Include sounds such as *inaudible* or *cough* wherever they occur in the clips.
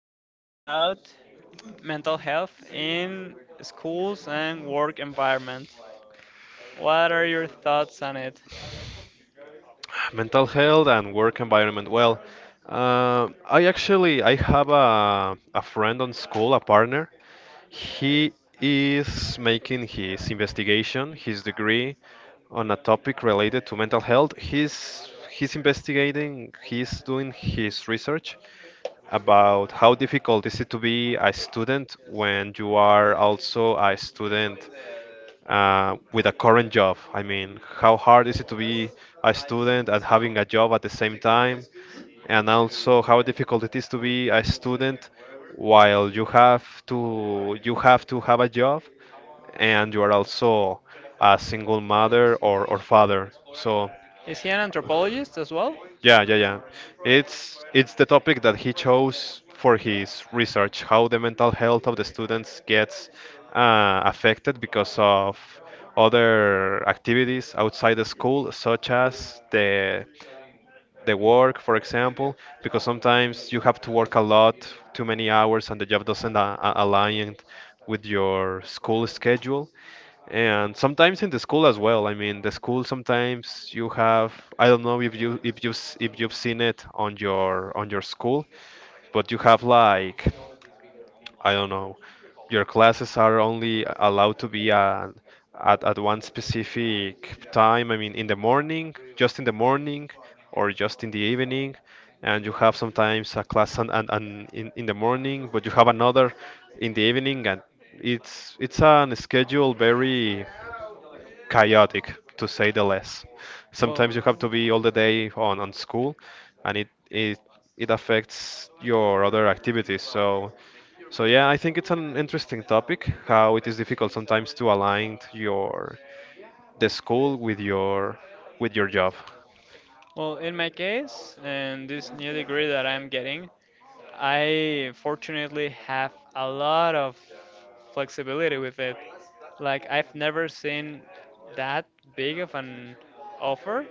gonna talk about mental health in schools and work environment. What are your thoughts on it? Mental health and work environment. Well, I actually I have a friend on school, a partner. He is making his investigation, his degree on a topic related to mental health. He's investigating, he's doing his research about how difficult is it to be a student when you are also a student with a current job. I mean, how hard is it to be a student and having a job at the same time? And also how difficult it is to be a student while you have to have a job and you are also a single mother or father. So Is he an anthropologist as well? yeah, yeah, yeah. It's the topic that he chose for his research, how the mental health of the students gets affected because of other activities outside the school, such as the work, for example, because sometimes you have to work a lot, too many hours, and the job doesn't align with your school schedule and sometimes in the school as well. I mean, the school sometimes you have I don't know if you've seen it on your school, but you have like I don't know, your classes are only allowed to be at at one specific time. I mean, in the morning, just in the morning, or just in the evening. And you have sometimes a class and in the morning, but you have another in the evening, and it's an schedule very chaotic to say the less. Sometimes you have Well, to be all the day on school and it it affects your other activities. So so yeah, I think it's an interesting topic how it is difficult sometimes to align your the school with your job. well, in my case, and this new degree that I'm getting, I fortunately have a lot of flexibility with it. Like I've never seen that big of an offer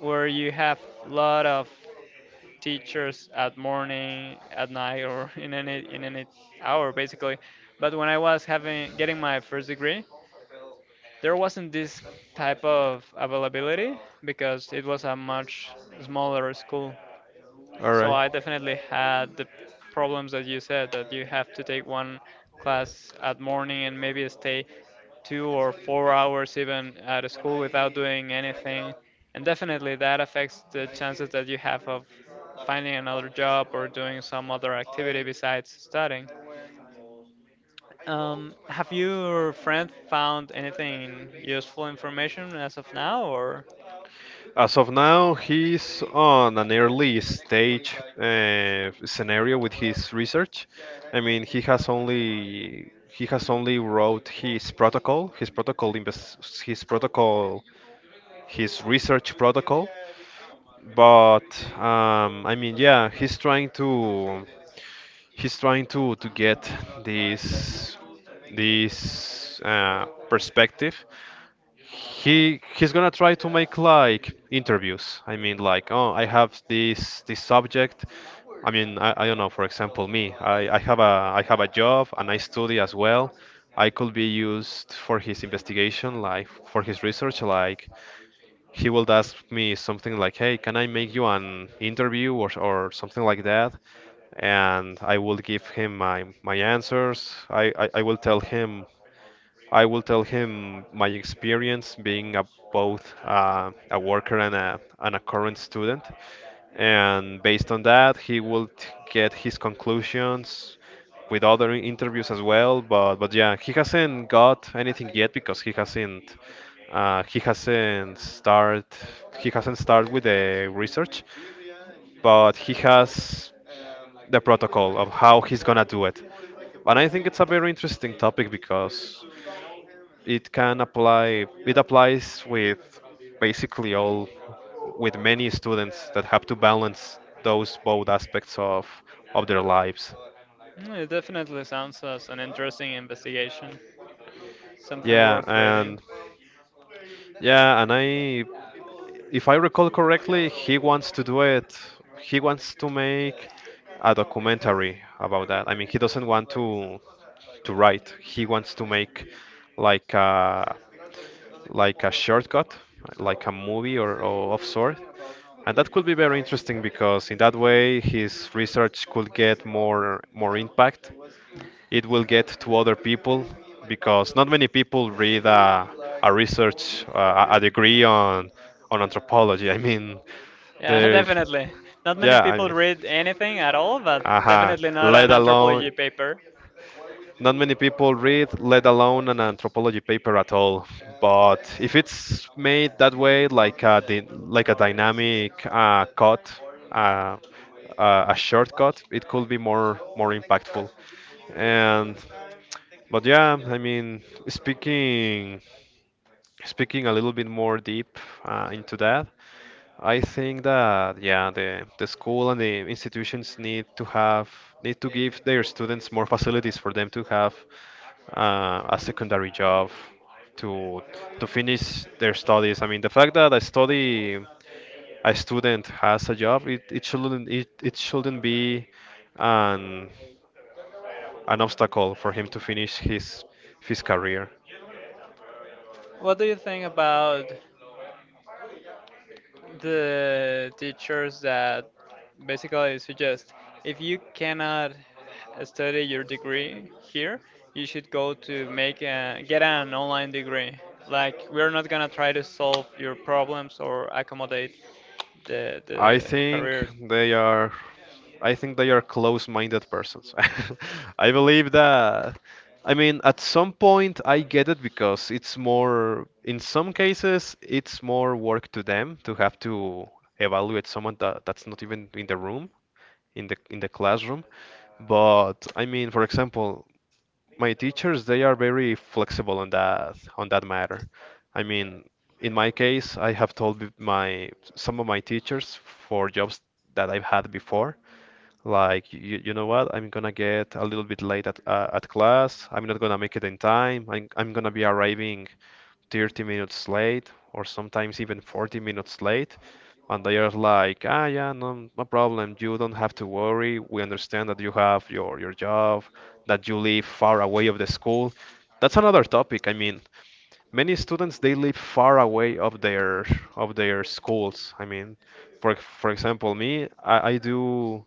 where you have a lot of teachers at morning, at night, or *laughs* in any hour basically. But when I was having getting my first degree, there wasn't this type of availability because it was a much smaller school. All So right. I definitely had the problems that you said that you have to take one class at morning and maybe stay 2 or 4 hours even at a school without doing anything. And definitely that affects the chances that you have of finding another job or doing some other activity besides studying. Have your friend found anything useful information as of now, or? As of now, he's on an early stage scenario with his research. I mean, he has only wrote his protocol, his protocol, his research protocol, but I mean, yeah, he's trying to get this this perspective. He's gonna try to make like interviews. I mean, like, oh, I have this subject. I mean, I don't know. For example, me, I have a job and I study as well. I could be used for his investigation, like for his research, like he will ask me something like, "Hey, can I make you an interview or something like that?" And I will give him my my answers. I will tell him my experience being a, both a worker and a current student and based on that he will get his conclusions with other interviews as well but yeah he hasn't got anything yet because he hasn't start he hasn't started with the research but he has the protocol of how he's gonna do it. And I think it's a very interesting topic because it can apply it applies with basically all with many students that have to balance those both aspects of their lives. It definitely sounds as an interesting investigation. Something Yeah, worth reading. and yeah and *laughs* I if I recall correctly he wants to do it. He wants to make a documentary about that. I mean he doesn't want to write, he wants to make like a like a shortcut, like a movie or of sort. And that could be very interesting because in that way his research could get more more impact. It will get to other people because not many people read a research a degree on anthropology. I mean, Yeah, *laughs* there, definitely. Not many yeah, I people mean, read anything at all, but uh definitely not let an alone anthropology paper. not many people read, let alone an anthropology paper at all. But if it's made that way, like a like a dynamic cut uh, a shortcut, it could be more more impactful. And but yeah, I mean, speaking a little bit more deep into that, I think that yeah, the school and the institutions need to give their students more facilities for them to have a secondary job to to finish their studies. I mean, the fact that I study a student has a job, it shouldn't be an an obstacle for him to finish his career. What do you think about the teachers that basically suggest if you cannot study your degree here, you should go to make a, get an online degree. Like we're not gonna try to solve your problems or accommodate the I the think career. they are I think they are close-minded persons. *laughs* I believe that I mean at some point I get it because it's more in some cases it's more work to them to have to evaluate someone that's not even in the room in the classroom. But I mean for example my teachers they are very flexible on that matter. I mean, in my case, I have told my some of my teachers for jobs that I've had before, like you know what, I'm gonna get a little bit late at class. I'm not gonna make it in time. I'm gonna be arriving 30 minutes late or sometimes even 40 minutes late. And they are like, ah, yeah, no, no problem. You don't have to worry. We understand that you have your job, that you live far away of the school. That's another topic. I mean, many students they live far away of their schools. I mean, for example, me, I do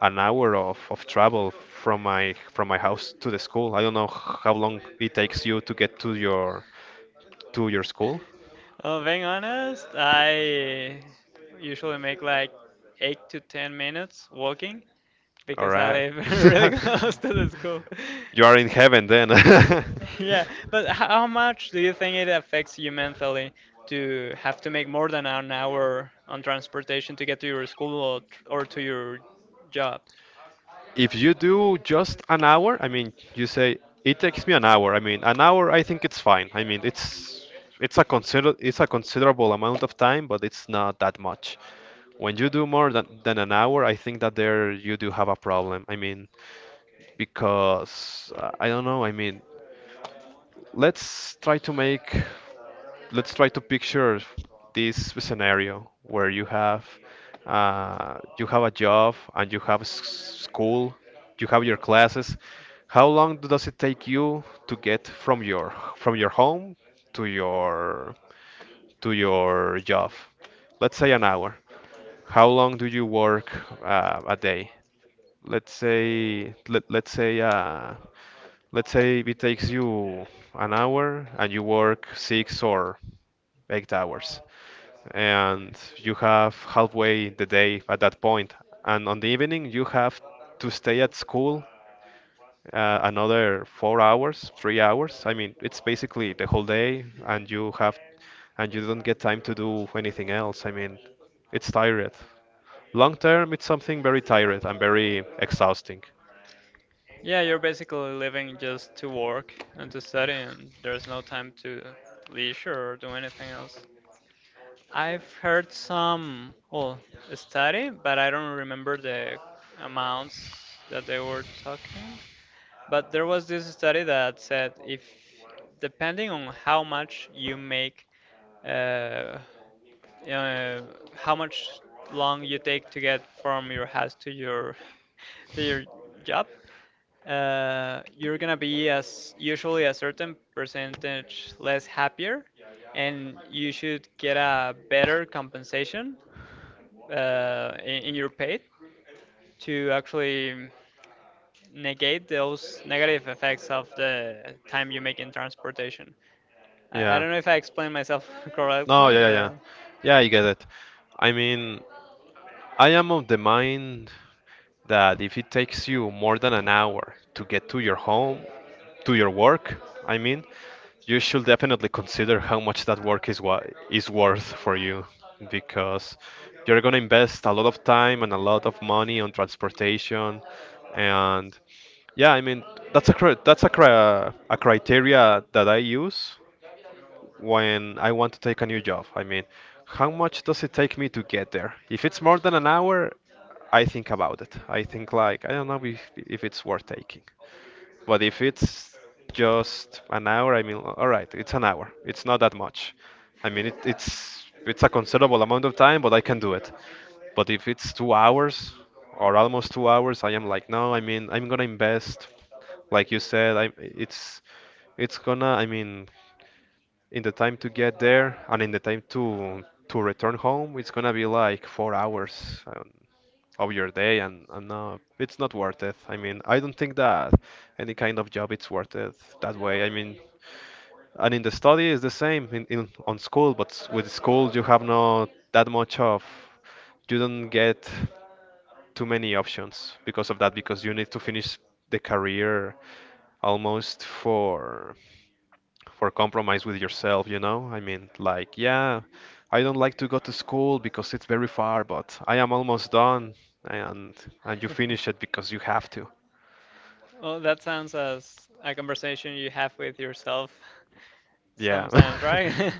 an hour of travel from my house to the school. I don't know how long it takes you to get to your school. Well, being honest, I usually make like 8 to 10 minutes walking All because I right. live *laughs* really *laughs* close to the school. You are in heaven then. *laughs* *laughs* Yeah, but how much do you think it affects you mentally to have to make more than an hour on transportation to get to your school or to your job? If you do just an hour, I mean, you say it takes me an hour. I mean, an hour, I think it's fine. I mean, it's a consider it's a considerable amount of time, but it's not that much. When you do more than an hour, I think that there you do have a problem. I mean, because I don't know. I mean, let's try to make let's try to picture this scenario where you have a job and you have school, you have your classes. How long does it take you to get from your home to your to your job? Let's say an hour. How long do you work a day? Let's say let, let's say uh, let's say it takes you an hour and you work 6 or 8 hours and you have halfway the day at that point. And on the evening, you have to stay at school, another 4 hours, 3 hours. I mean, it's basically the whole day, and you have and you don't get time to do anything else. I mean, it's tired. Long term, it's something very tired and very exhausting. Yeah, you're basically living just to work and to study, and there's no time to leisure or do anything else. I've heard some, well, study, but I don't remember the amounts that they were talking. But there was this study that said if depending on how much you make, uh, uh, how much long you take to get from your house to your *laughs* to your job, you're gonna be as usually a certain percentage less happier, and you should get a better compensation in your pay to actually negate those negative effects of the time you make in transportation. I Yeah. don't know if I explained myself *laughs* No, yeah, correctly, yeah, yeah. but Yeah, I get it. I mean, I am of the mind that if it takes you more than an hour to get to your home, to your work, I mean, you should definitely consider how much that work is is worth for you because you're going to invest a lot of time and a lot of money on transportation and yeah, I mean, that's a a criteria that I use when I want to take a new job. I mean, how much does it take me to get there? If it's more than an hour, I think about it. I think like I don't know if it's worth taking. But if it's just an hour, I mean, all right, it's an hour. It's not that much. I mean, it's a considerable amount of time, but I can do it. But if it's 2 hours or almost 2 hours, I am like, no. I mean, I'm gonna invest, like you said. I it's gonna. I mean, in the time to get there and in the time to return home, it's gonna be like 4 hours. Of your day and no, it's not worth it. I mean, I don't think that any kind of job it's worth it that way. I mean, and in the study is the same in on school, but with school you have not that much of, you don't get too many options because of that because you need to finish the career almost for compromise with yourself, you know? I mean, like, yeah, I don't like to go to school because it's very far, but I am almost done and and you finish it because you have to. well, that sounds as a conversation you have with yourself *laughs* Yeah. sometimes, right? *laughs* *laughs*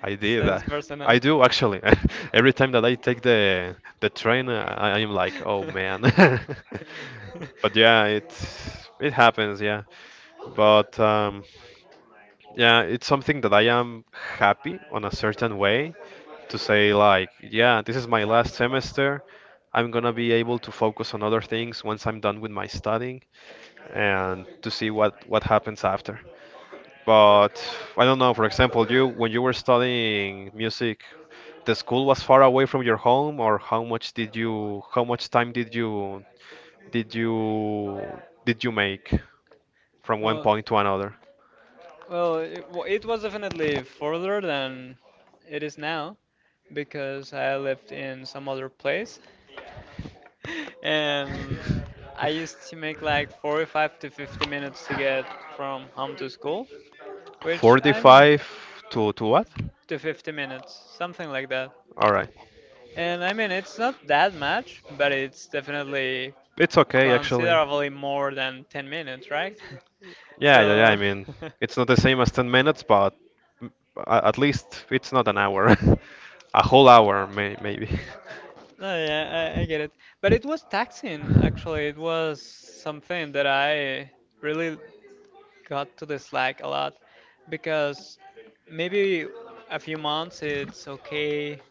I did Sounds that. I personal. do actually. *laughs* Every time that I take the train, I am like, oh man. *laughs* *laughs* But yeah, it happens, yeah. But Yeah, it's something that I am happy on a certain way to say like, yeah, this is my last semester. I'm gonna be able to focus on other things once I'm done with my studying and to see what happens after. But I don't know, for example, you when you were studying music, the school was far away from your home or how much did you how much time did you did you did you make from one Well, point to another? well, it was definitely further than it is now because I lived in some other place, *laughs* *laughs* and I used to make like 45 to 50 minutes to get from home to school, which I'm 45 to what? to 50 minutes, something like that. All right. And I mean, it's not that much, but it's definitely It's okay actually. considerably more than 10 minutes, right? *laughs* Yeah, yeah, yeah. I So, mean, it's *laughs* not the same as 10 minutes, but at least it's not an hour. *laughs* A whole hour maybe. no, yeah, I get it. But it was taxing, actually. It was something that I really got to dislike a lot because maybe a few months it's okay,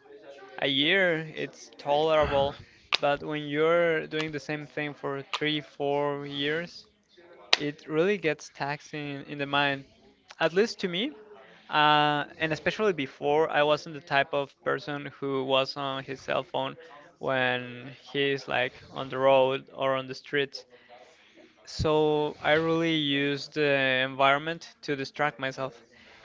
a year it's tolerable, but when you're doing the same thing for 3, 4 years, it really gets taxing in the mind, at least to me. And especially before, I wasn't the type of person who was on his cell phone when he's like on the road or on the streets. So I really used the environment to distract myself.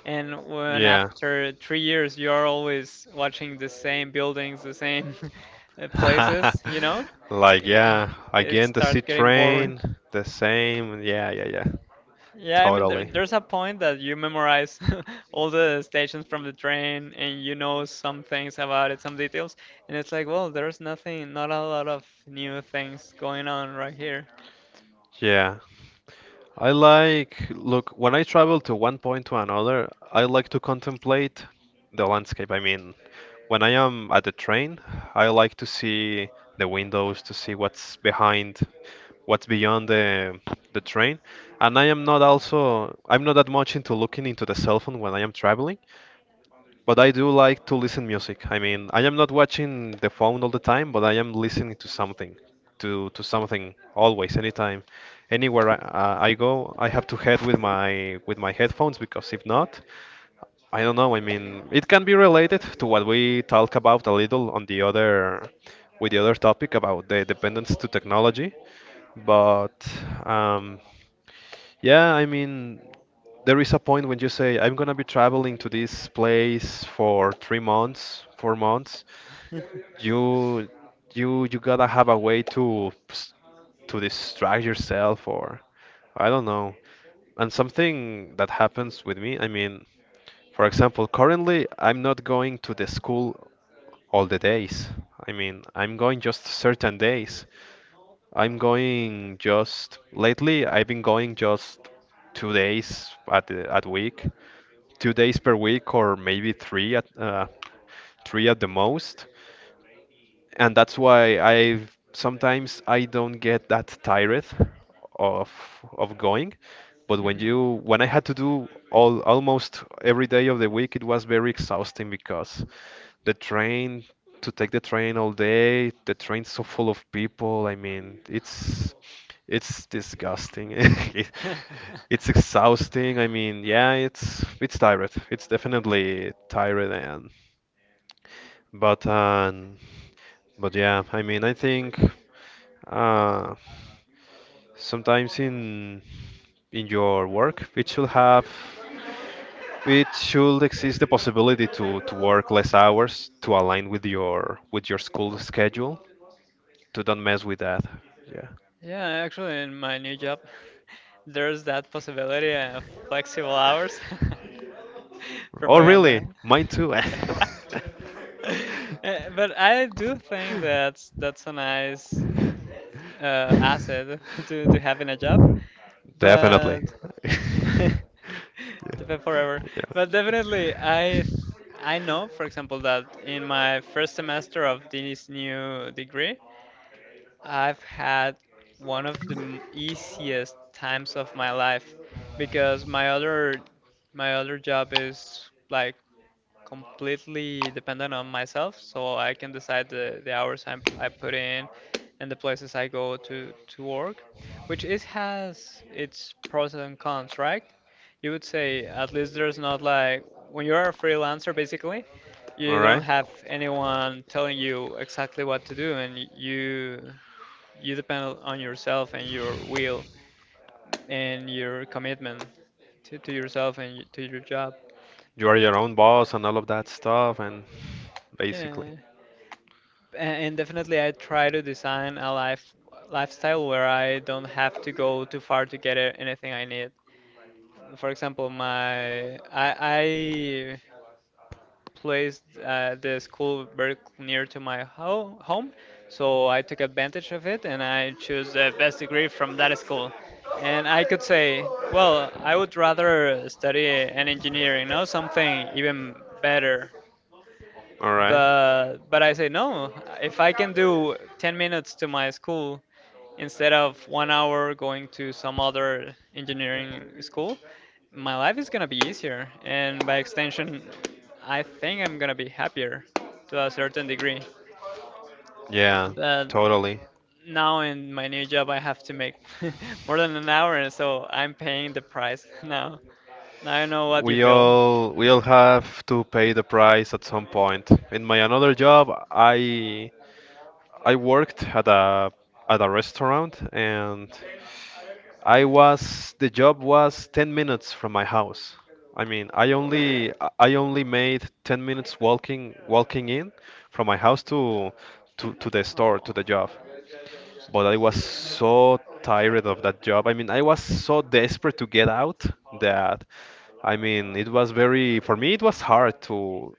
And *laughs* when Yeah. after 3 years you are always watching the same buildings, the same *laughs* *laughs* places, you know, Like, it, yeah, it again, the C starts getting boring. train, the same. Yeah, yeah, yeah. Yeah, I mean, there, Totally. there's a point that you memorize *laughs* all the stations from the train and you know some things about it, some details, and it's like, well, there's nothing, not a lot of new things going on right here. Yeah. I like, look, when I travel to one point to another, I like to contemplate the landscape. I mean, when I am at the train, I like to see the windows, to see what's behind what's beyond the train. And I am not also I'm not that much into looking into the cell phone when I am traveling, but I do like to listen music. I mean, I am not watching the phone all the time, but I am listening to something, to something always, anytime, anywhere I go. I have to head with my headphones because if not, I don't know. I mean, it can be related to what we talk about a little on the other with the other topic about the dependence to technology, but um, yeah, I mean, there is a point when you say, I'm gonna be traveling to this place for three months, four months. *laughs* You, you gotta have a way to, to distract yourself, or I don't know. And something that happens with me, I mean, for example, currently I'm not going to the school all the days. I mean, I'm going just certain days. I'm going just lately. I've been going just two days at the, at week. Two days per week or maybe three at the most and that's why I sometimes I don't get that tired of of going. But when you when I had to do all almost every day of the week, it was very exhausting because the train to take the train all day, the train's so full of people. I mean, it's disgusting. *laughs* It- Mhm. It's exhausting. I mean, yeah, it's tired. It's definitely *laughs* tired and but um but yeah, I mean, I think uh, sometimes in your work, it should have it should exist the possibility to work less hours to align with your school schedule. To don't mess with that. Yeah. Yeah, actually, in my new job, *laughs* there's that possibility of flexible hours. *laughs* Oh, Propaganda. really? Mine too. *laughs* Eh, but I do *laughs* think that's a *laughs* nice asset *laughs* to have in a job. Definitely. But *laughs* *laughs* depend forever. But definitely, I know, for example, that in my first semester of this new degree, I've had one of the easiest times of my life because my other job is like completely dependent on myself, so I can decide the hours I put in and the places I go to work, which is has its pros and cons, right? You would say at least there's not like when you're a freelancer Yeah. basically, All you don't right. have anyone telling you exactly what to do and you depend on yourself and your will and your commitment to yourself and to your job. You are your own boss and all of that stuff, and basically. Yeah, and definitely I try to design a lifestyle where I don't have to go too far to get anything I need. For example, my I placed the school very near to my home, so I took advantage of it and I chose the best degree from that school. And I could say, well, I would rather study an engineering, you know, something even better. All right. But I say no. If I can do 10 minutes to my school instead of 1 hour going to some other engineering school, my life is gonna be easier, and by extension, I think I'm gonna be happier to a certain degree. Yeah, But totally. now in my new job, I have to make *laughs* more than an hour, and so I'm paying the price *laughs* now. Now I know what you feel. We all have to pay the price at some point. In my another job, I worked at a restaurant and I was the job was 10 minutes from my house. I mean, I only made 10 minutes walking walking in from my house to to the store to Oh. the job but I was so tired of that job. I mean, I was so desperate to get out that I mean, it was very for me it was hard to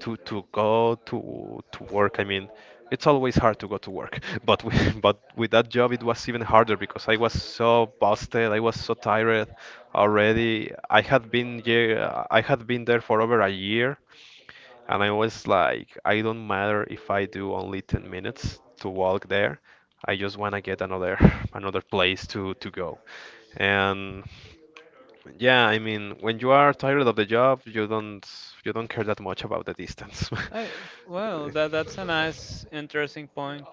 to go to work. I mean, it's always hard to go to work, *laughs* but with that job it was even harder because I was so busted. I was so tired already. I had been there for over a year and I was like, I don't matter if I do only 10 minutes to walk there. I just want to get another *laughs* another place to go. And yeah, I mean, when you are tired of the job, you don't care that much about the distance. *laughs* I, well, that that's a nice, interesting point.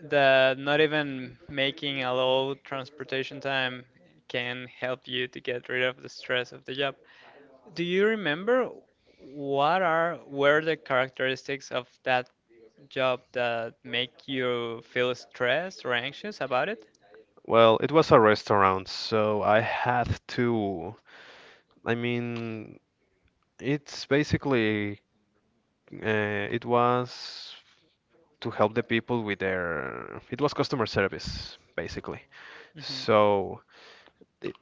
That not even making a low transportation time can help you to get rid of the stress of the job. Do you remember what are were the characteristics of that job that make you feel stressed or anxious about it? Well, it was a restaurant, so I had to. I mean, it's basically it was to help the people with their, it was customer service, basically. Mhm. So it,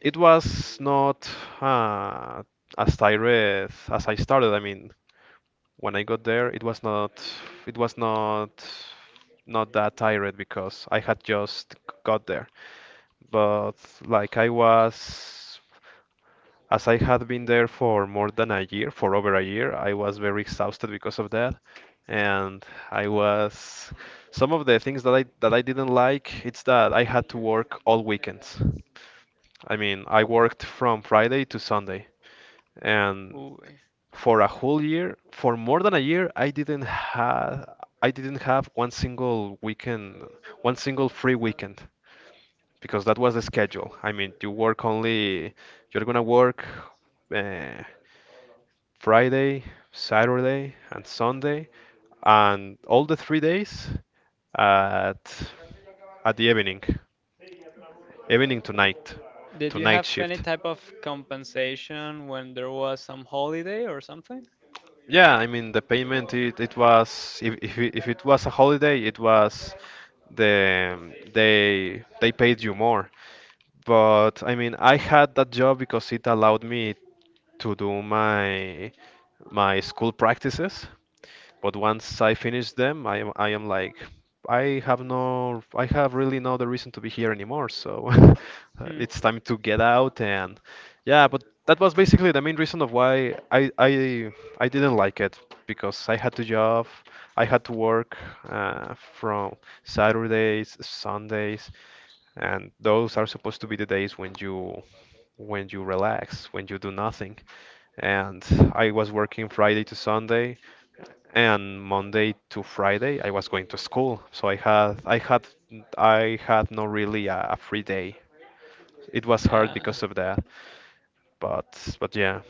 it was not uh, as tired as I started. I mean, when I got there, it was not, it was not, not that tired because I had just got there. But like I was As I had been there for more than a year, for over a year, I was very exhausted because of that. And I was some of the things that I didn't like, it's that I had to work all weekends. I mean, I worked from Friday to Sunday, and Ooh. for a whole year, for more than a year, I didn't have one single weekend, one single free weekend because that was the schedule. I mean, you work only, you're gonna work uh, Friday, Saturday, and Sunday, and all the three days at at the evening, evening Did to you night have any shift. type of compensation when there was some holiday or something? Yeah, I mean the payment it was if if it was a holiday it was they paid you more. But I mean I had that job because it allowed me to do my my school practices But once I finish them, I am like I have really no the reason to be here anymore. So *laughs* Hmm. it's time to get out and yeah, but that was basically the main reason of why I didn't like it because I had to work from Saturdays, Sundays, and those are supposed to be the days when you relax, when you do nothing. And I was working Friday to Sunday, and Monday to Friday I was going to school, so I had no really a free day. It was hard Yeah. because of that, but yeah,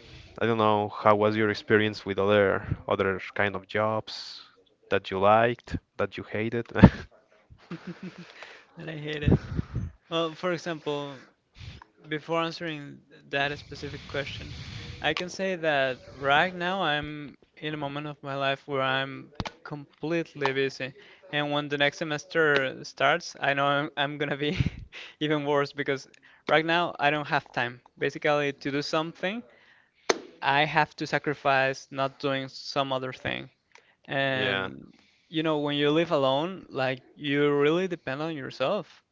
I don't know how was your experience with other other kind of jobs that you liked, that you hated. *laughs* And I hate it. Well, *laughs* for example, before answering that specific question, I can say that right now I'm in a moment of my life where I'm completely busy. And when the next semester starts, I know I'm gonna be *laughs* even worse because right now I don't have time. Basically, to do something, I have to sacrifice not doing some other thing. Yeah. And you know, when you live alone, like you really depend on yourself.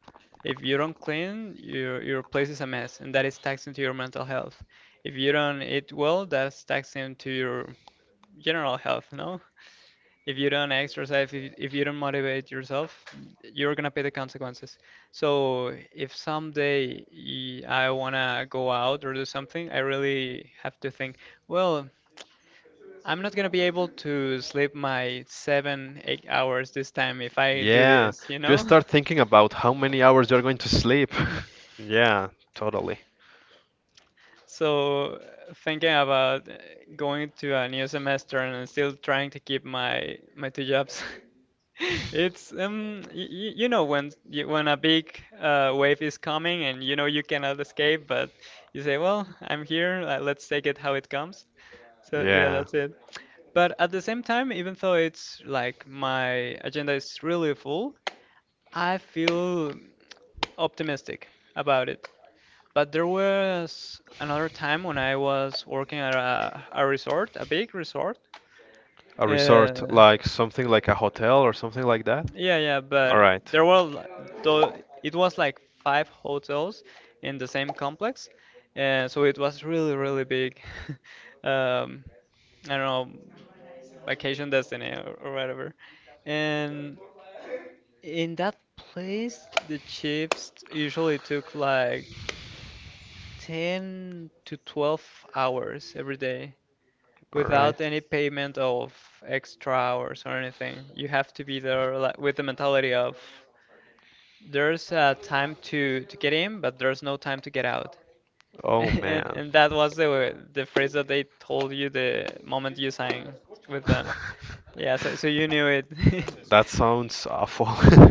If you don't clean, your place is a mess, and that is taxing to your mental health. If you don't eat well, that's taxing to your general health, no? If you don't exercise, if you don't motivate yourself, you're gonna pay the consequences. So if someday I wanna go out or do something, I really have to think, well, I'm not gonna be able to sleep my 7, 8 hours this time if I do Yeah, this, you just know? start thinking about how many hours you're going to sleep. *laughs* *laughs* Yeah, totally. So, thinking about going to a new semester and still trying to keep my two jobs. *laughs* It's you know when y when a big wave is coming and you know you cannot escape, but you say, well, I'm here, let's take it how it comes. So yeah, Yeah, that's it. But at the same time, even though it's like my agenda is really full, I feel optimistic about it. But there was another time when I was working at a resort, a big resort. a resort, Uh, like something like a hotel or something like that. yeah, yeah, All but right, there were though it was like five hotels in the same complex, so it was really, really big. *laughs* Um, I don't know, vacation destiny or whatever. And in that place, the shifts usually took like 10 to 12 hours every day, all without right. any payment of extra hours or anything. You have to be there like, with the mentality of there's a time to get in, but there's no time to get out. *laughs* Oh man. And that was the phrase that they told you the moment you signed with them. Yeah, *laughs* so you knew it. That *laughs* sounds awful. *laughs*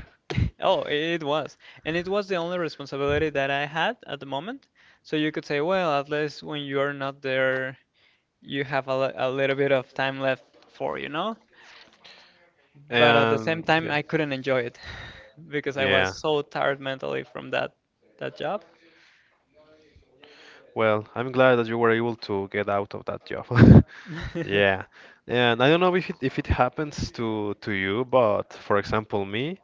Oh, it was. And it was the only responsibility that I had at the moment. So you could say, well, at least when you are not there, you have a little bit of time left for, you know? But at the same And time yeah, I couldn't enjoy it *laughs* because I was yeah. so tired mentally from that job. Well, I'm glad that you were able to get out of that job. *laughs* *laughs* Yeah. And I don't know if it happens to you, but for example, me,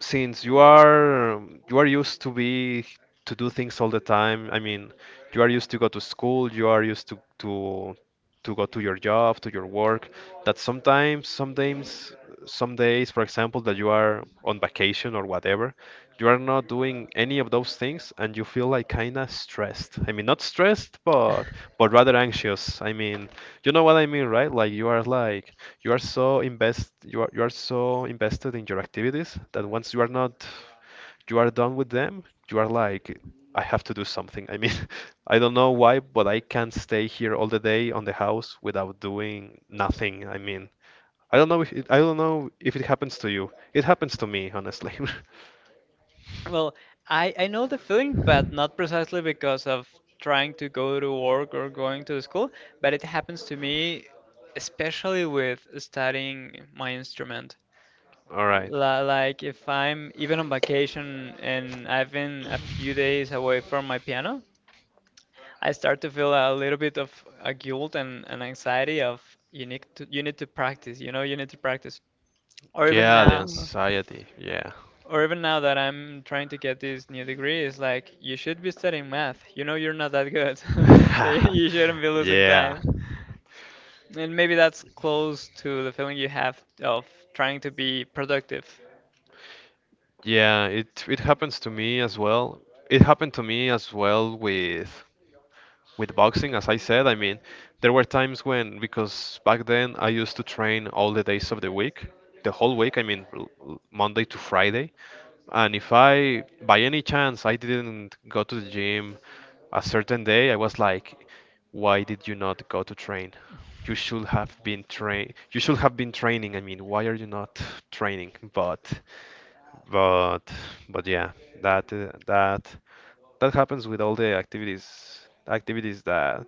since you are used to be to do things all the time. I mean, you are used to go to school, you are used to to go to your job to your work that sometimes, some days for example that you are on vacation or whatever you are not doing any of those things and you feel like kind of stressed. I mean not stressed but rather anxious. I mean, you know what I mean, right? Like you are like you are so invested in your activities that once you are not you are done with them, you are like, I have to do something. I mean, *laughs* I don't know why, but I can't stay here all the day on the house without doing nothing. I mean, I don't know if it, I don't know if it happens to you. It happens to me, honestly. Well, I know the feeling, but not precisely because of trying to go to work or going to school, but it happens to me especially with studying my instrument. *laughs* All right. La- Like if I'm even on vacation and I've been a few days away from my piano, I start to feel a little bit of a guilt and an anxiety of you need to practice, you know, you need to practice. Or even Yeah, the now, Yes. anxiety. Yeah. or even now that I'm trying to get this new degree, it's like you should be studying math. You know, you're not that good. *laughs* So you shouldn't be *laughs* losing Yeah. time. And maybe that's close to the feeling you have of trying to be productive. Yeah, it happens to me as well. It happened to me as well with boxing, as I said. I mean, there were times when because back then I used to train all the days of the week, the whole week, I mean, Monday to Friday. And if I, by any chance, I didn't go to the gym a certain day, I was like, why did you not go to train? You should have been train. You should have been training. I mean, why are you not training? But, but yeah, that that that happens with all the activities that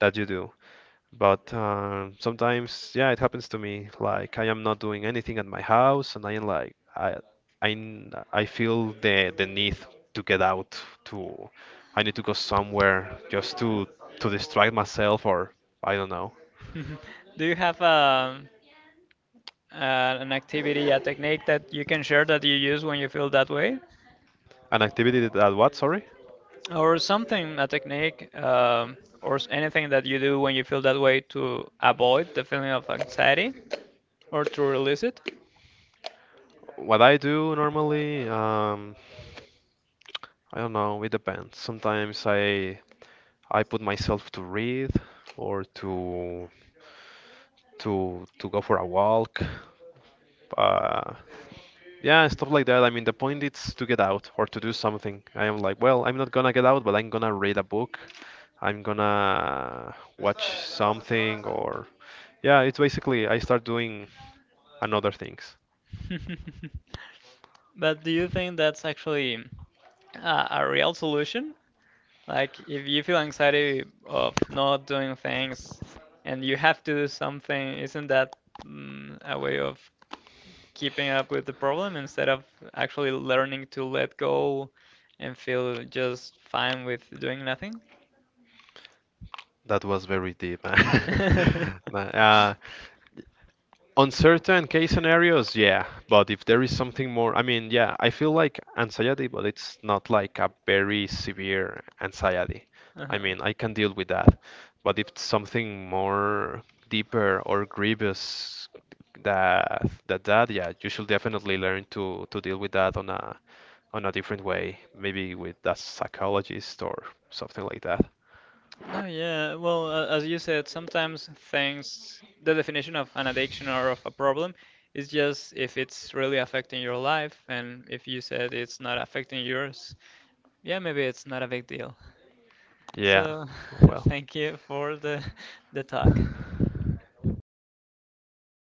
that you do. But sometimes, yeah, it happens to me. Like I am not doing anything at my house, and I am like, I feel the need to get out. To, I need to go somewhere just to distract myself, or I don't know. *laughs* Do you have an activity, a technique that you can share that you use when you feel that way? An activity that that what? Sorry. Or something, a technique, or anything that you do when you feel that way to avoid the feeling of anxiety or to release it. What I do normally, I don't know. It depends. Sometimes I put myself to read or to to go for a walk. Uh, Yeah, stuff like that. I mean, the point is to get out or to do something. I am like, well, I'm not gonna get out, but I'm gonna read a book. I'm gonna watch something or yeah, it's basically I start doing another things. *laughs* But do you think that's actually a real solution? Like, if you feel anxiety of not doing things and you have to do something, isn't that a way of keeping up with the problem instead of actually learning to let go and feel just fine with doing nothing? That was very deep. *laughs* *laughs* Uh, on certain case scenarios, yeah, but if there is something more, I mean, yeah, I feel like anxiety, but it's not like a very severe anxiety. I Uh-huh. mean, I can deal with that. But if it's something more deeper or grievous that that, yeah, you should definitely learn to deal with that on a different way, maybe with a psychologist or something like that. Oh yeah, well, as you said, sometimes things, the definition of an addiction or of a problem is just if it's really affecting your life, and if you said it's not affecting yours, yeah, maybe it's not a big deal. Yeah, So, *laughs* well. thank you for the talk.